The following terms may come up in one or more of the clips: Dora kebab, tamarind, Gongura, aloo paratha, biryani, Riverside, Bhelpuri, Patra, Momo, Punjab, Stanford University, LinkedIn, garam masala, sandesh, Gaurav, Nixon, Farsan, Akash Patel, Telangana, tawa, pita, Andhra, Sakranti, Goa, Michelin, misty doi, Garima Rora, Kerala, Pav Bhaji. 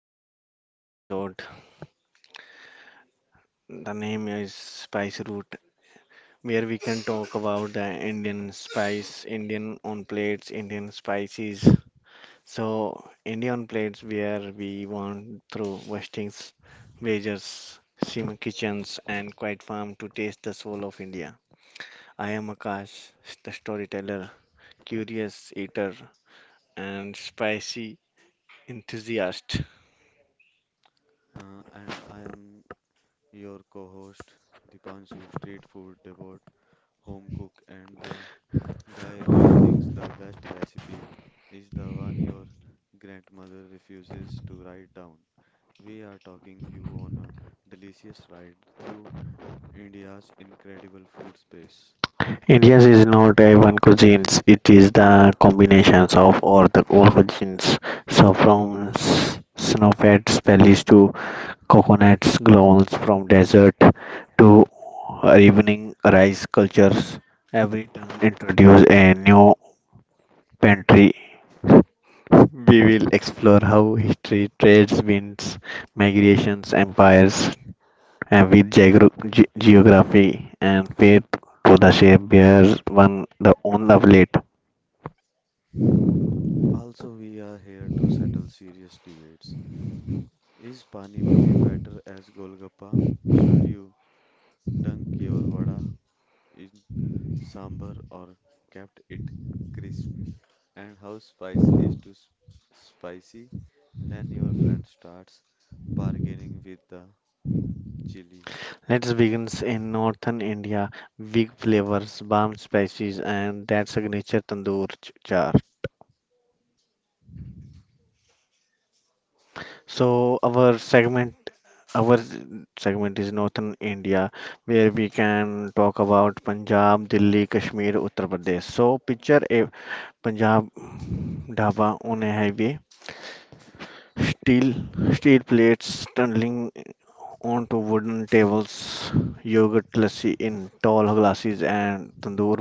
new episode. The name is Spice Route, where we can talk about the Indian spice, Indian on plates, Indian spices. So, Indian plates, where we want through Westings, Wagers, Sim Kitchens, and Quiet Farm to taste the soul of India. I am Akash, the storyteller, curious eater, and spicy enthusiast. And I am your co host, Dipanshu, street food devot, home cook, and the guy who thinks the best recipe is the one your grandmother refuses to write down. We are talking you on a delicious ride through India's incredible food space. India's is not a one cuisine; it is the combinations of all the all cuisines. So from snowflakes valleys to coconuts glowns, from desert to evening rice cultures, every town introduce a new pantry. We will explore how history, trades, winds, migrations, empires, and with geography and faith to the shape bears one the own of late. Also, we are here to settle serious debates. Is Pani Puri better as Golgappa? Should you dunk your vada in sambar or kept it crisp and how spice is too spicy when your friend starts bargaining with the chili. Let's begin in northern India. Big flavors, balm spices, and that signature tandoor char. So our segment is northern India, where we can talk about Punjab, Delhi, Kashmir, Uttar Pradesh. So picture a Punjab dhaba on a highway, steel steel plates tumbling onto wooden tables, yogurt lassi in tall glasses, and tandoor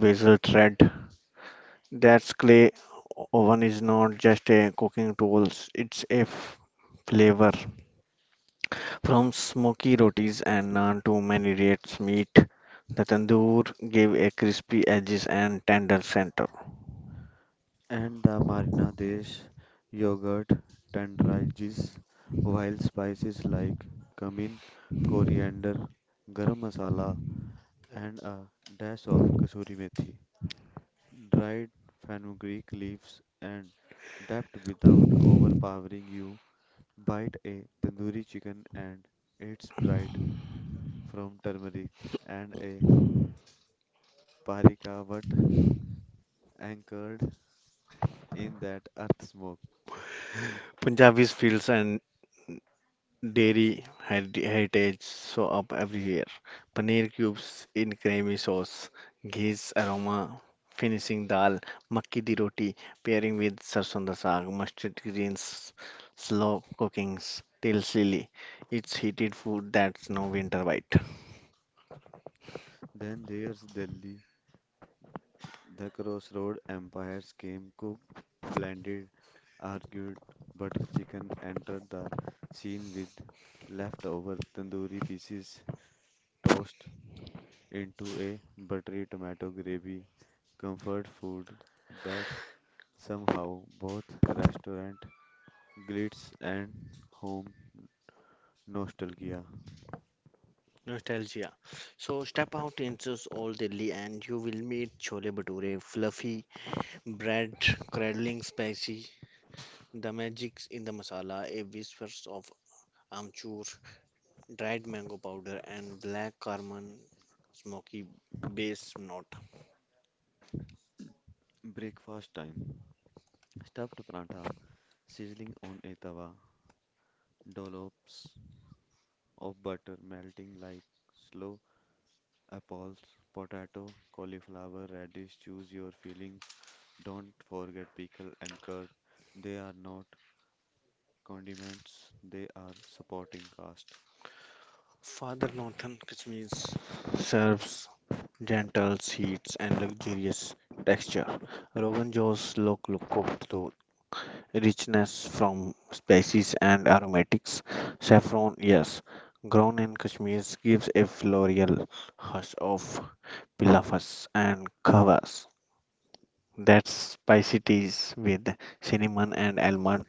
bezel thread. That's clay oven is not just a cooking tools, it's a flavor. From smoky rotis and naan to many rates meat, the tandoor gave a crispy edges and tender center. And the marinadesh yogurt tenderizes while spices like cumin coriander garam masala and a dash of kasuri methi dried fenugreek leaves and dabbed without overpowering you. Bite a tandoori chicken and its bright from turmeric and a parikavat anchored in that earth smoke. Punjabi's fields and Dairy heritage show up everywhere. Paneer cubes in creamy sauce, ghee's aroma finishing dal, makki di roti pairing with sarson da saag, mustard greens, slow cookings till silly. It's heated food that's no winter bite. Then there's Delhi, the crossroad empires came cooked, blended, argued. Butter chicken entered the scene with leftover tandoori pieces tossed into a buttery tomato gravy, comfort food that's somehow both restaurant glitz and home nostalgia. Nostalgia. So step out into all Delhi and you will meet chole bhature, fluffy bread, cradling spicy, the magic in the masala, a whispers of amchur, dried mango powder, and black cardamom smoky base note. Breakfast time. Stuffed paratha sizzling on a tawa. Dollops of butter melting like slow apples. Potato, cauliflower, radish. Choose your fillings. Don't forget pickle and curd. They are not condiments, they are supporting cast. Father Northern Kashmir serves gentle seeds and luxurious texture. Rogan Josh Lok Loko to richness from spices and aromatics. Saffron, yes, grown in Kashmir gives a floral hush of pilafas and kavas. That's spicy teas with cinnamon and almond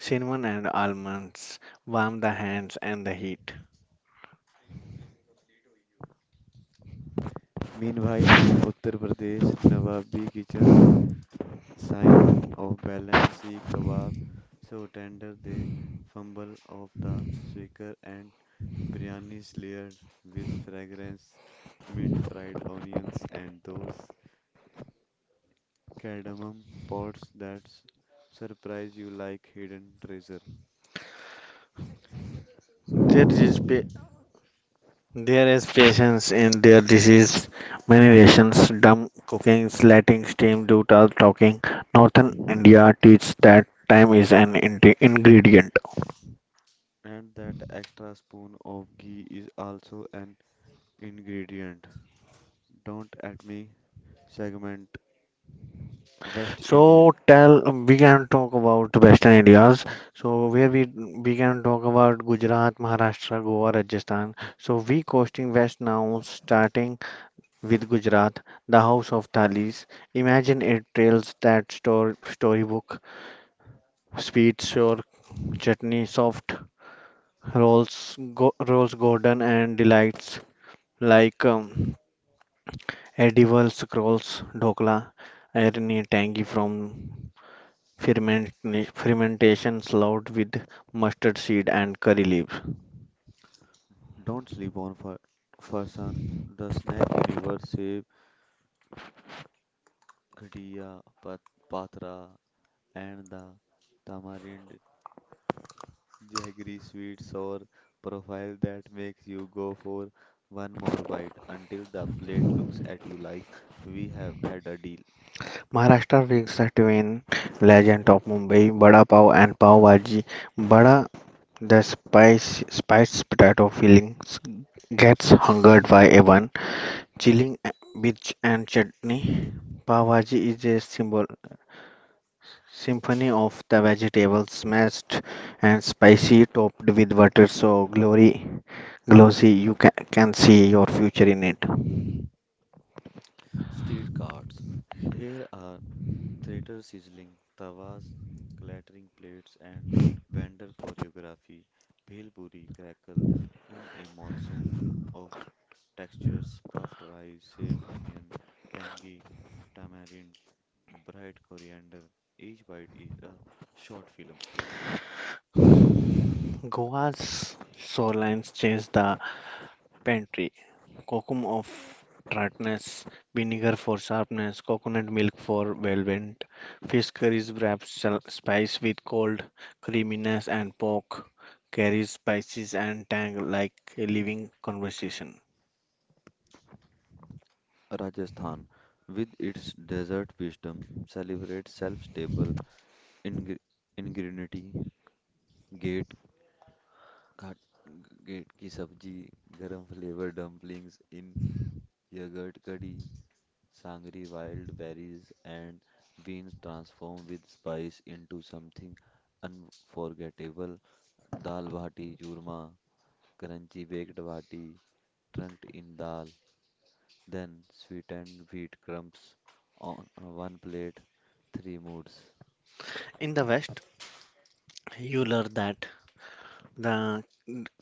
Cinnamon and almonds warm the hands and the heat. Meanwhile, in Uttar Pradesh, Nawabi kitchens sign of balance, see kebab, so tender the fumble of the shaker and biryani is layered with fragrance, mint fried onions and those cardamom pods that surprise you like hidden treasure. There is pa- there is patience in their disease. Many rations, dumb cookings, letting steam do the talking. Northern India teaches that time is an ingredient. And that extra spoon of ghee is also an ingredient. Don't at me segment West India. So tell we can talk about Western India's. So where we can talk about Gujarat, Maharashtra, Goa, Rajasthan. So we coasting west now, starting with Gujarat, the House of Thalis. Imagine it trails that storybook, sweet sour chutney, soft rolls golden and delights like edible scrolls, dhokla, irony tangy from ferment, fermentation slowed with mustard seed and curry leaves. Don't sleep on for Farsan, the snack universe saves Ghatia, Patra, and the Tamarind Jaggery sweets or profile that makes you go for one more bite until the plate looks at you like we have had a deal. Maharashtra brings the twin legend of Mumbai, Bada Pav and Pav Bhaji. Bada The spice, spiced potato fillings gets hungered by everyone, chilling with and chutney. Pav Bhaji is a symphony of the vegetables, smashed and spicy, topped with butter. So glossy, you can see your future in it. Street carts. Here are theater sizzling, tawas, clattering plates, and vendor choreography. Bhelpuri crackle in a monsoon of textures, puffed rice, save onion, tangy tamarind. Bright coriander, each bite is a short film. Goa's shorelines change the Pantry Cocoa of tartness, vinegar for sharpness, coconut milk for velvet, fish curries wrapped spice with cold creaminess, and pork carries spices and tang like a living conversation. Rajasthan, with its desert wisdom, celebrates self-stable ingre- ingenuity. Gate, ghat, gate की सब्जी, garam flavor dumplings in yogurt curry, sangri wild berries and beans transform with spice into something unforgettable. Dal bhati churma, crunchy baked bhati, trunked in dal. Then sweetened wheat crumbs on one plate, three moods. In the West, you learn that the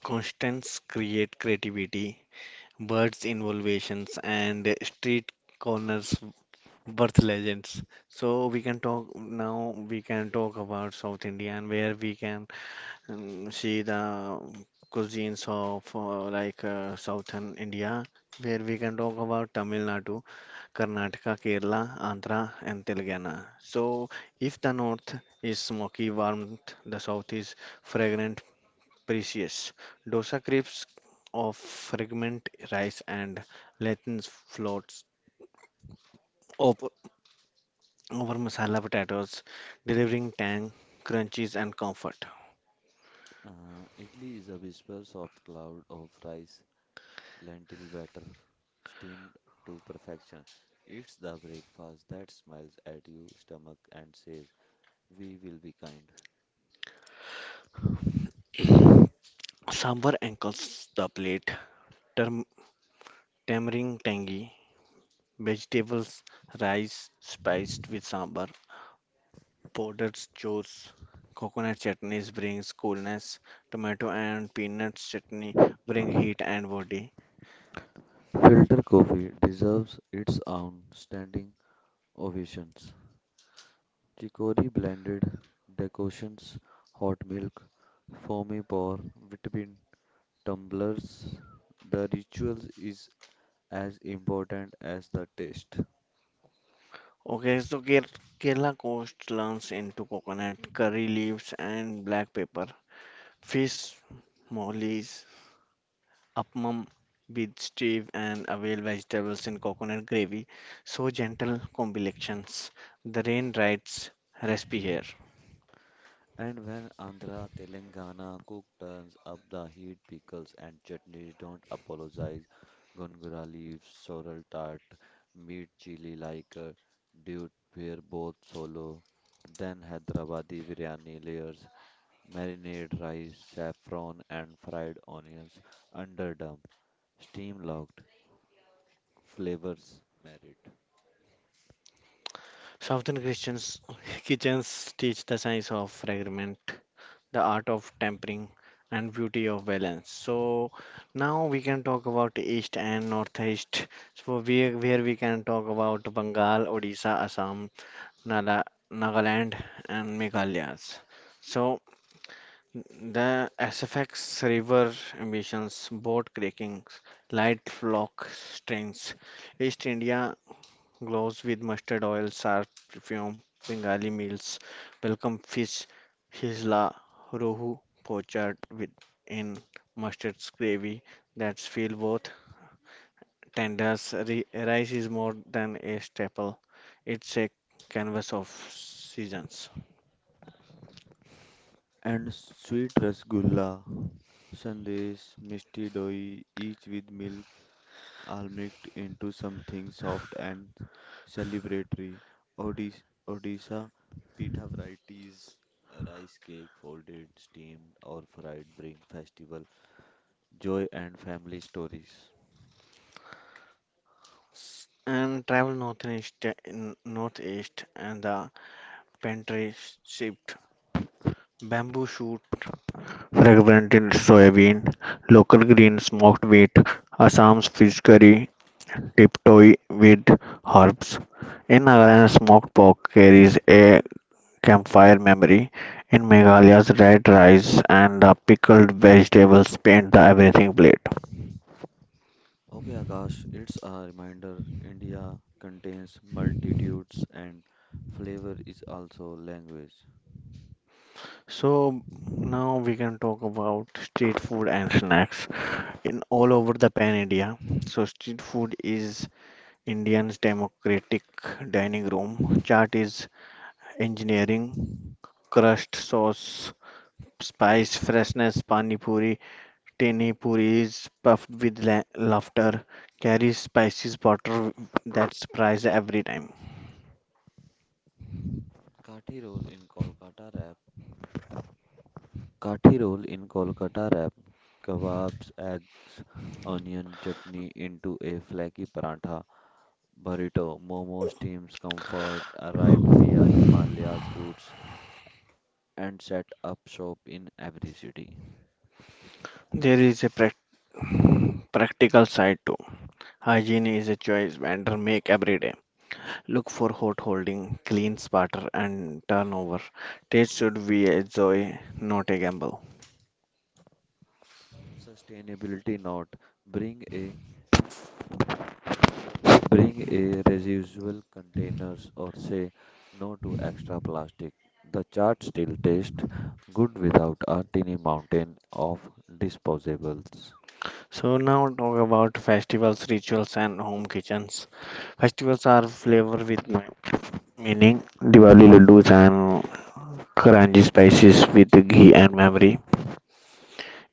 constants create creativity, birds' innovations, and street corners Birth legends. So we can talk now. We can talk about South India and where we can see the cuisines of like Southern India, where we can talk about Tamil Nadu, Karnataka, Kerala, Andhra, and Telangana. So if the North is smoky, warm, the South is fragrant, precious. Dosa crepes of fragment rice and Latin floats. Of over masala potatoes, delivering tang, crunches, and comfort. Idli is a whisper soft cloud of rice, lentil batter, steamed to perfection. It's the breakfast that smiles at you stomach and says, "We will be kind." Sambar ankles the plate, tam- tamarind tangy, vegetables, rice spiced with sambar, powdered chores, coconut chutneys brings coolness, tomato and peanuts chutney bring heat and body. Filter coffee deserves its own standing ovations. Chicory blended decoctions, hot milk, foamy pour, vitamin. Tumblers, the ritual is as important as the taste. Okay, so Kerala coast learns into coconut, curry leaves, and black pepper, fish, mollies, appam with steve and avail vegetables in coconut gravy. So gentle combinations. The rain rides recipe here. And when Andhra Telangana cook turns up the heat, pickles and chutneys don't apologize. Gongura leaves, sorrel tart, meat chili like a dude pair both solo. Then Hyderabadi biryani layers, marinade rice, saffron and fried onions, underdone, steam locked, flavors married. Southern Christians kitchens teach the science of fragment, the art of tempering, and beauty of balance. So now we can talk about east and northeast. So where we can talk about Bengal, Odisha, Assam, Nala, Nagaland, and Meghalayas. So the SFX river ambitions, boat creakings, light flock strains. East India glows with mustard oil, sharp perfume, Bengali meals, welcome fish, hisla, rohu, poached with in mustard gravy that's feel both tenders. Rice is more than a staple; it's a canvas of seasons And sweet rasgulla, sandesh, misty doi, each with milk all mixed into something soft and celebratory. Odis- Odisha pita varieties, rice cake, folded, steamed, or fried, bring festival joy and family stories. and travel northeast in northeast and the Pantry shipped bamboo shoot fragrant in soybean, local green smoked wheat, Assam's fish curry, tiptoe with herbs. In Nagaland, smoked pork carries a campfire memory. In Meghalaya's red rice and the pickled vegetables paint the everything plate. Okay, Akash, it's a reminder India contains multitudes and flavor is also language. So now we can talk about street food and snacks in all over the pan India. So street food is Indian's democratic dining room chart is engineering, crust, sauce, spice, freshness, pani puri, teni puri is puffed with laughter, carries spices butter that surprise every time. Kathi roll in Kolkata wrap Kathi roll in Kolkata wrap kebabs, eggs, onion chutney into a flaky paratha. Burrito, Momo Steam's comfort arrived via Himalayas routes and set up shop in every city. There is a prac- practical side too. Hygiene is a choice vendor make every day. Look for hot holding, clean spatter and turnover. Taste should be a joy, not a gamble. Sustainability note: bring a bring a reusable containers or say no to extra plastic. The chart still tastes good without a tiny mountain of disposables. So now talk about festivals, rituals, and home kitchens. Festivals are flavor with meaning. Diwali laddus and crunchy spices with ghee and memory.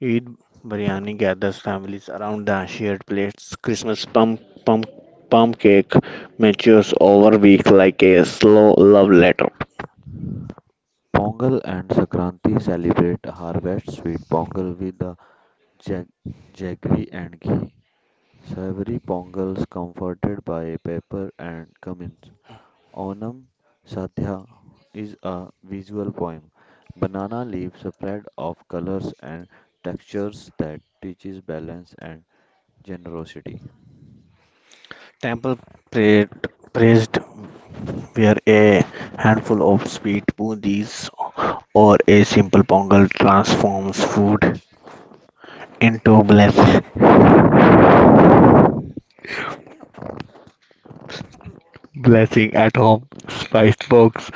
Eid biryani gathers families around the shared plates. Christmas pump cake matures over week like a slow love letter. Pongal and Sakranti celebrate harvest sweet pongal with the jag- jaggery and ghee. Savory pongals comforted by pepper and cumin. Onam Sadhya is a visual poem. Banana leaves spread of colors and textures that teaches balance and generosity. Temple prayed, praised where a handful of sweet boondies or a simple pongal transforms food into blessing at home. Spice box,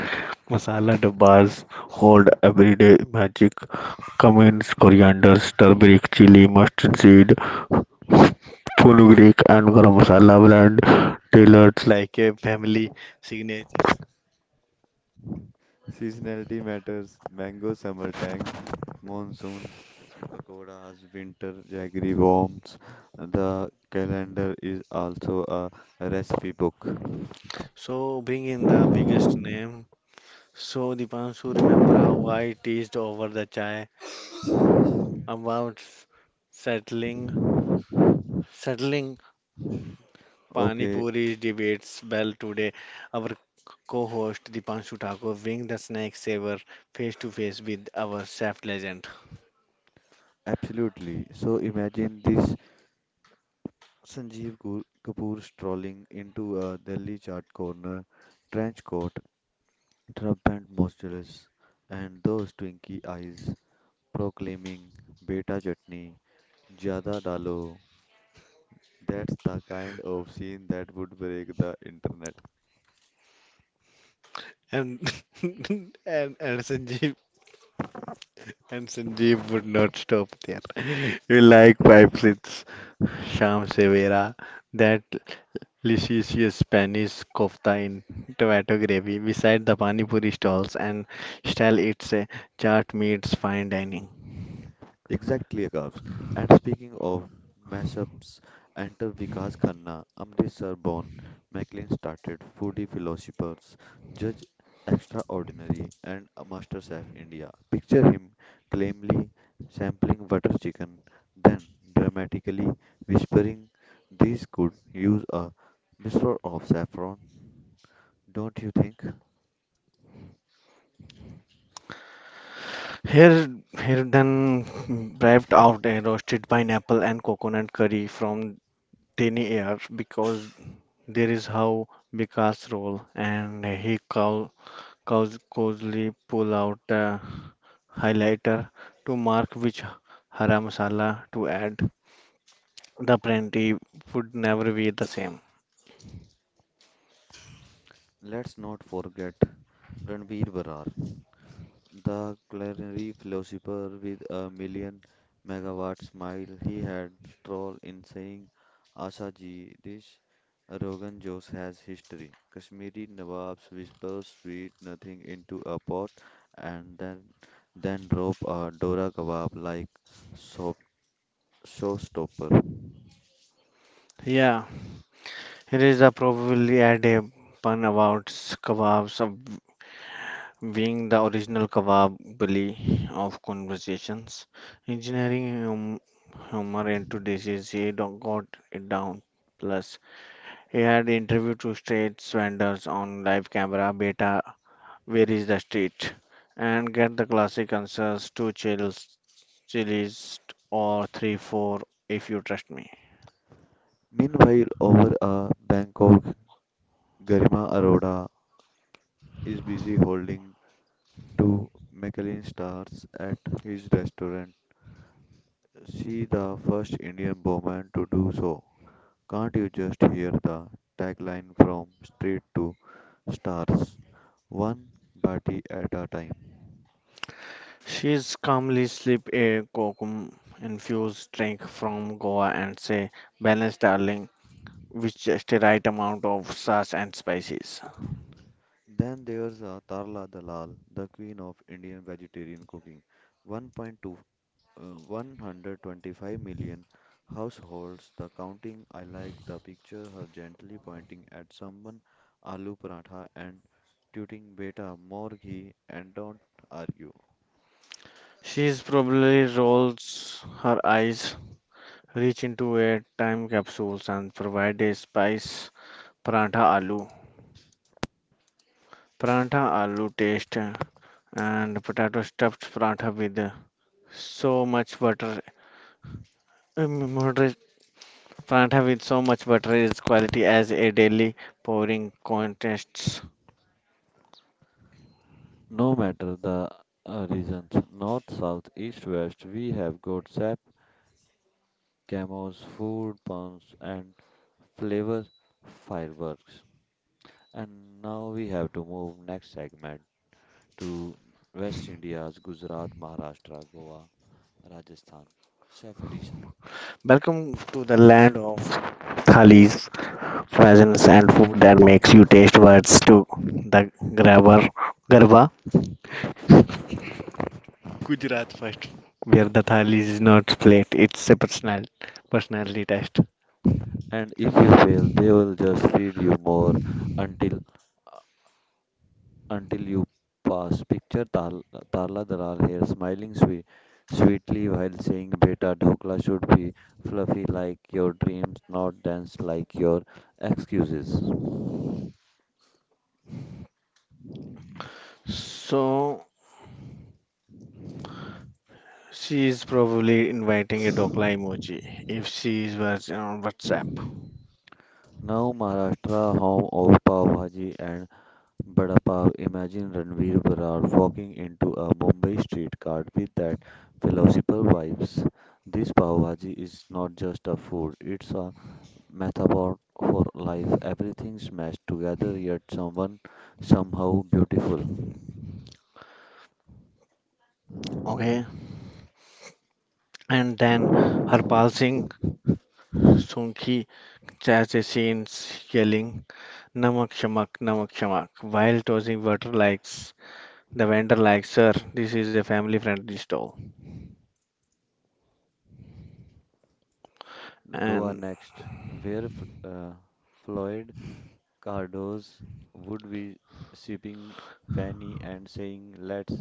masala dabbas hold everyday magic. Cummins, coriander, turmeric, chili, mustard seed, fenugreek, and garam masala brand tailored like a family signature. Seasonality matters. Mango summer tang, monsoon Pakoras, winter jaggery worms. The calendar is also a recipe book. So bring in the biggest name. So Dipanshu, remember how I teased over the chai about settling, settling Pani Okay, Puri debates well today. Our co-host Dipanshu Thakur wing the snack saver face to face with our chef legend. absolutely. So imagine this: Sanjeev Kapoor strolling into a Delhi chart corner, trench coat, Trump and moistureless, and those twinky eyes proclaiming beta chutney, jada dalo. That's the kind of scene that would break the internet. And and, and Sanjeev and Sanjeev would not stop there. You like pipes. It's Sham Severa, that delicious Spanish kofta in tomato gravy beside the Pani Puri stalls and style it's a chart meets fine dining. Exactly, Akash. And speaking of mashups, enter Vikas Khanna, Amritsar born, Maclean started, foodie philosophers, judge extraordinary, and a master chef India. Picture him calmly sampling butter chicken, then dramatically whispering, these could use a mixture of saffron, don't you think? Here, here then braved out a roasted pineapple and coconut curry from tiny air because there is how Vikas roll and he cows cozily pull out a highlighter to mark which hara masala to add. The plenty would never be the same. Let's not forget Ranveer Barrar, the culinary philosopher with a million megawatt smile he had stroll in saying, Asha ji, this Rogan Josh has history. Kashmiri Nawabs whisper sweet nothing into a pot and then drop a Dora kebab like soap, showstopper. Yeah, here is a probably add a pun about kebabs being the original Kawabali of conversations. Engineering humor into this he don't got it down. Plus, he had interview two street vendors on live camera, beta, where is the street? And get the classic answers, two chilies, or three, four, if you trust me. Meanwhile, over a Bangkok, Garima Arora is busy holding two Michelin stars at his restaurant. She the first Indian woman to do so. Can't you just hear the tagline from street to stars? One bati at a time. She's calmly slip a kokum infused drink from Goa and say, balance darling, with just the right amount of sauce and spices. Then there's Tarla Dalal, the queen of Indian vegetarian cooking. 1.2, uh, 125 million households, the counting. I like the picture, her gently pointing at someone, aloo paratha, and tooting beta, more ghee, and don't argue. She probably rolls her eyes, reach into a time capsule and provide a spice paratha aloo. Paratha aloo taste and potato stuffed paratha with so much butter. Moderate paratha with so much butter is quality as a daily pouring contests. No matter the reasons, north, south, east, west, we have got sap, camos, food, puns, and flavor fireworks. And now we have to move next segment to West India's Gujarat, Maharashtra, Goa, Rajasthan, chef edition. Welcome to the land of thalis. Fashions and food that makes you taste words to the grabber garba. Gujarat first, where the thali is not plate, it's a personality test. And if you fail, they will just feed you more until until you pass. Picture Tarla Dalal here smiling sweetly while saying, Beta, dhokla should be fluffy like your dreams, not dense like your excuses. So she is probably inviting a dokla emoji if she is was on WhatsApp. Now, Maharashtra, home of Pav Bhaji and Bada Pav, imagine Ranveer Brar walking into a Mumbai street cart with that philosophical vibes. This Pav Bhaji is not just a food, it's a metaphor for life. Everything smashed together, yet someone somehow beautiful. Okay, and then her pulsing sunki chase scenes yelling namak shamak while tossing water likes the vendor likes her, this is a family friendly stall. Goa And next, where Floyd Cardoz would be sipping Fanny and saying, "Let's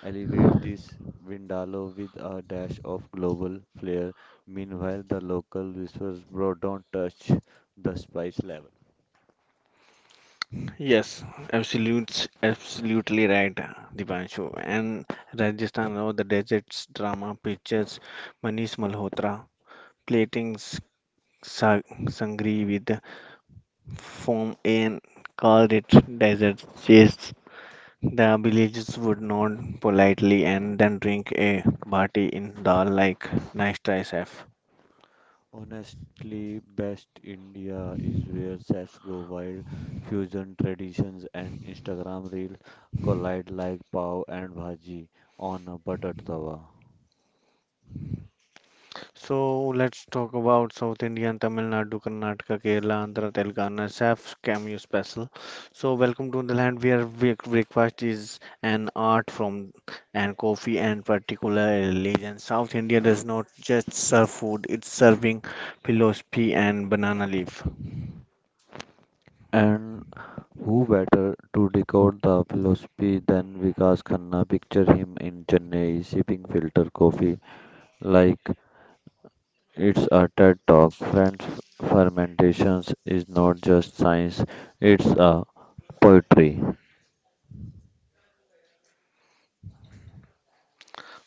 elevate this Vindaloo with a dash of global flair." Meanwhile, the local whispers, "Bro, don't touch the spice level." yes, absolutely right, Dipanshu. And Rajasthan Raw, the deserts drama pictures, Manish Malhotra, plating sa sangri with foam and called it desert chase. The villagers would nod politely and then drink a bati in dal like nice try, chef. Honestly, best India is where chefs go wild, fusion traditions and Instagram reels collide like pav and bhaji on a buttered tawa. So let's talk about South Indian, Tamil Nadu, Karnataka, Kerala, Andhra, Telangana, Chef's Cameo Special. So welcome to the land where breakfast is an art from and coffee and particularly and South India does not just serve food, it's serving philosophy and banana leaf. And who better to decode the philosophy than Vikas Khanna? Picture him in Chennai sipping filter coffee like it's a TED talk. Friends, fermentations is not just science, it's a poetry.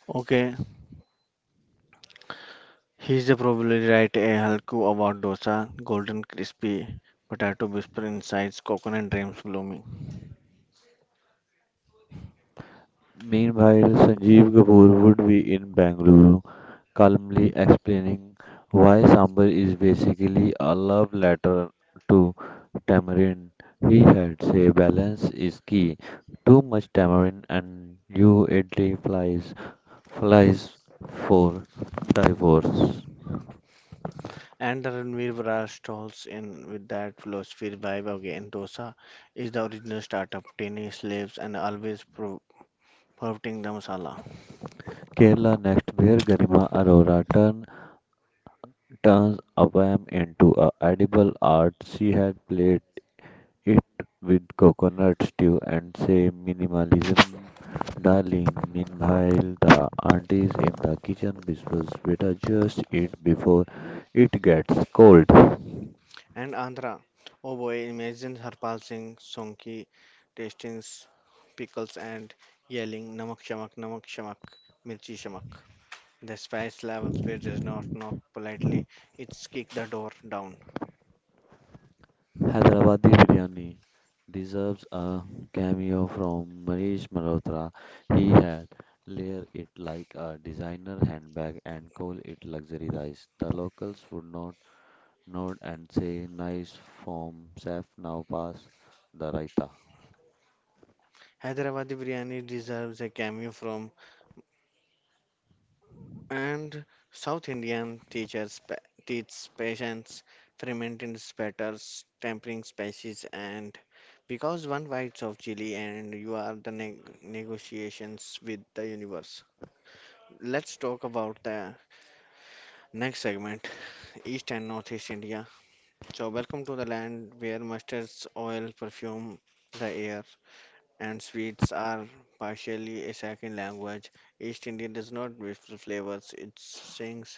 Okay, he's the probably right a Halku about dosa, golden crispy, potato whisper insides, coconut dreams blooming. Meanwhile, Sanjeev Kapoor would be in Bangalore, calmly explaining why Sambar is basically a love letter to tamarind. He had said balance is key. Too much tamarind and you idly flies for divorce. And Ranveer Bra stalls in with that philosophy vibe again. Dosa is the original startup, tiny slaves and always promoting the masala. Kerala next, where Garima Arora turns a poem into a edible art. She had played it with coconut stew and say minimalism darling. Meanwhile the aunties in the kitchen whispers better just eat before it gets cold. And Andhra, oh boy, imagine Harpal Singh, Sonki, tastings, pickles and yelling Namak Shamak, Namak Shamak, Mirchi Shamak. The spice levels where does not knock politely, it's kick the door down. Hyderabadi biryani deserves a cameo from Manish Malhotra. He had layer it like a designer handbag and call it luxury rice. The locals would not nod and say nice form chef, now pass the raita. Hyderabadi biryani deserves a cameo from. And South Indian teachers teach patience, fermenting batters, tempering spices, and because one bites of chili and you are the negotiations with the universe. Let's talk about the next segment, East and Northeast India. So welcome to the land where mustards, oil, perfume, the air, and sweets are partially a second language. East India does not whistle flavors; it sings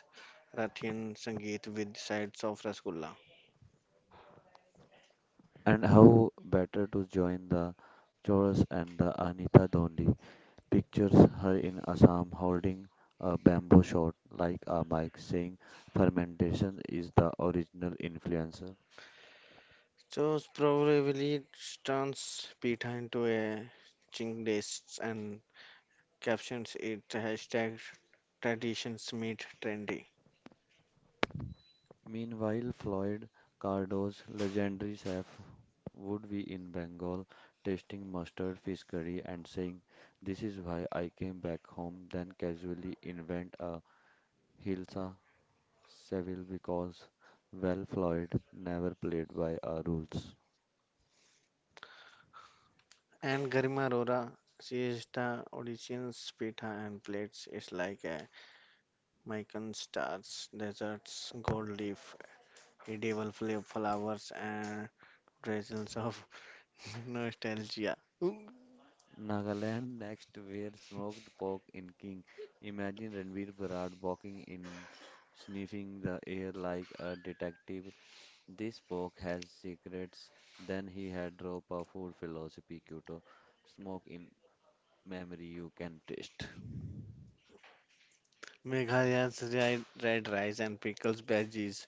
Rathian Sangeet with sides of Rasgulla. And how better to join the chorus and the Anita Dondi pictures her in Assam holding a bamboo shot like a mic saying fermentation is the original influencer. So probably turns pita into a chink dish and captions it hashtag traditions meet trendy. Meanwhile, Floyd Cardo's legendary chef would be in Bengal tasting mustard fish curry and saying, this is why I came back home, then casually invent a hilsa Seville because, well, Floyd never played by our rules. And Garima Rora, she is the audition's pita and plates. It's like a Mikan stars, deserts, gold leaf, medieval flowers and drizzles of nostalgia. Nagaland next, where smoked pork in king. Imagine Ranveer Bharat walking in, sniffing the air like a detective. This pork has secrets. Then he had drop of food philosophy, Kyoto. Smoke in memory you can taste. Meghalayas red rice and pickles veggies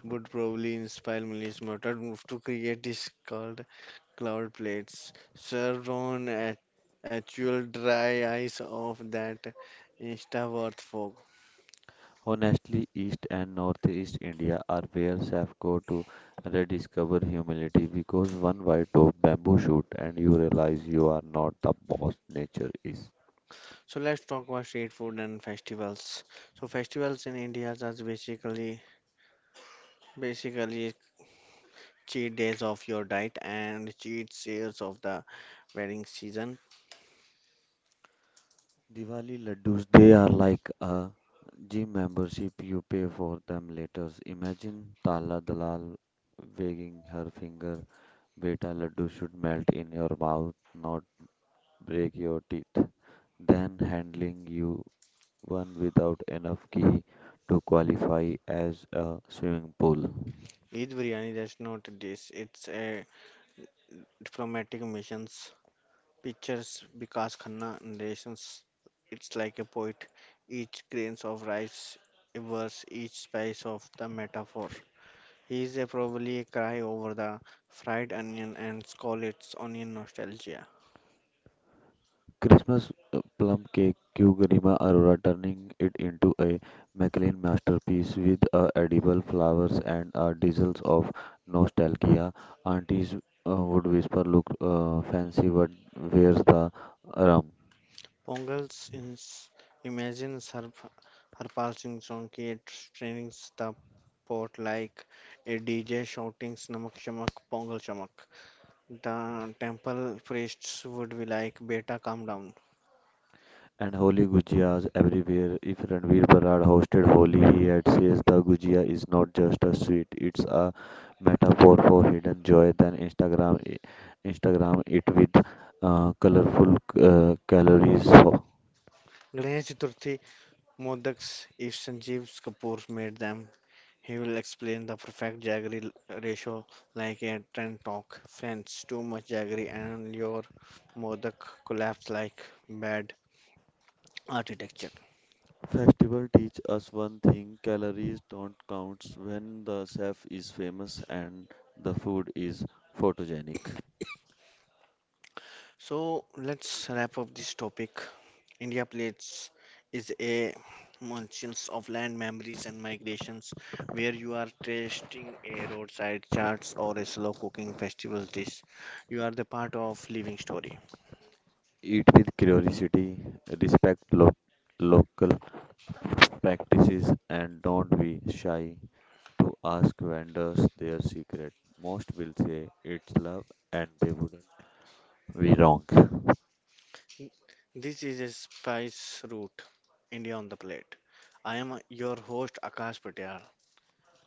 would probably inspire Mili's murdered move to create dish called cloud plates, served on a actual dry ice of that Instaworth folk. Honestly, East and Northeast India are where chefs go to rediscover humility because one white of bamboo shoot and you realize you are not the boss, nature is. So let's talk about street food and festivals. So festivals in India are basically cheat days of your diet and cheat sales of the wedding season. Diwali laddus, they are like a gym membership, you pay for them later. Imagine Tala Dalal wagging her finger, beta laddu should melt in your mouth, not break your teeth. Then handling you one without enough key to qualify as a swimming pool. Eid biryani that's not a dish; it's a diplomatic mission. Pictures Vikas Khanna narrations. It's like a poet. Each grains of rice, a verse, each spice of the metaphor. He is a probably a cry over the fried onion and call its onion nostalgia. Christmas plum cake Q Garima Arora turning it into a Maclean masterpiece with edible flowers and drizzles of nostalgia. Aunties would whisper, "Look fancy, but where's the rum?" Pongal's imagines her pulsing donkey straining the pot like a DJ shouting Snamak Shamak Pongal Shamak. The temple priests would be like, Beta, calm down. And holy gujiyas everywhere. If Ranveer Barad hosted Holi, he had says the gujia is not just a sweet; it's a metaphor for hidden joy. Then Instagram it with colorful calories. Ganesh Chaturthi Modaks, if Sanjeev Kapoor made them, he will explain the perfect jaggery ratio like a trend talk. Friends, too much jaggery and your modak collapse like bad architecture. Festival teach us one thing: calories don't count when the chef is famous and the food is photogenic. So let's wrap up this topic. India plates is a munchkins of land memories and migrations where you are tasting a roadside charts or a slow cooking festival dish. You are the part of living story. Eat with curiosity, respect local practices, and don't be shy to ask vendors their secret. Most will say it's love and they wouldn't be wrong. This is a Spice Route, India on the Plate. I am your host Akash Patel.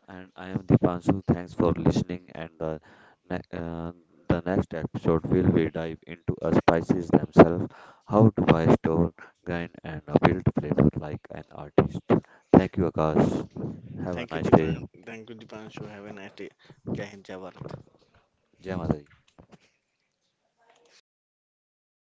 And I am Dipanshu. Thanks for listening. And ne- uh, the next episode will we dive into a spices themselves, how to buy, store, grind, and build flavor like an artist. Thank you, Akash. Have Thank a you, nice Deepan. day. Thank you, Deepanshu. Have a nice day. Jai Hind, Jai Bharat. Jai Mata Di.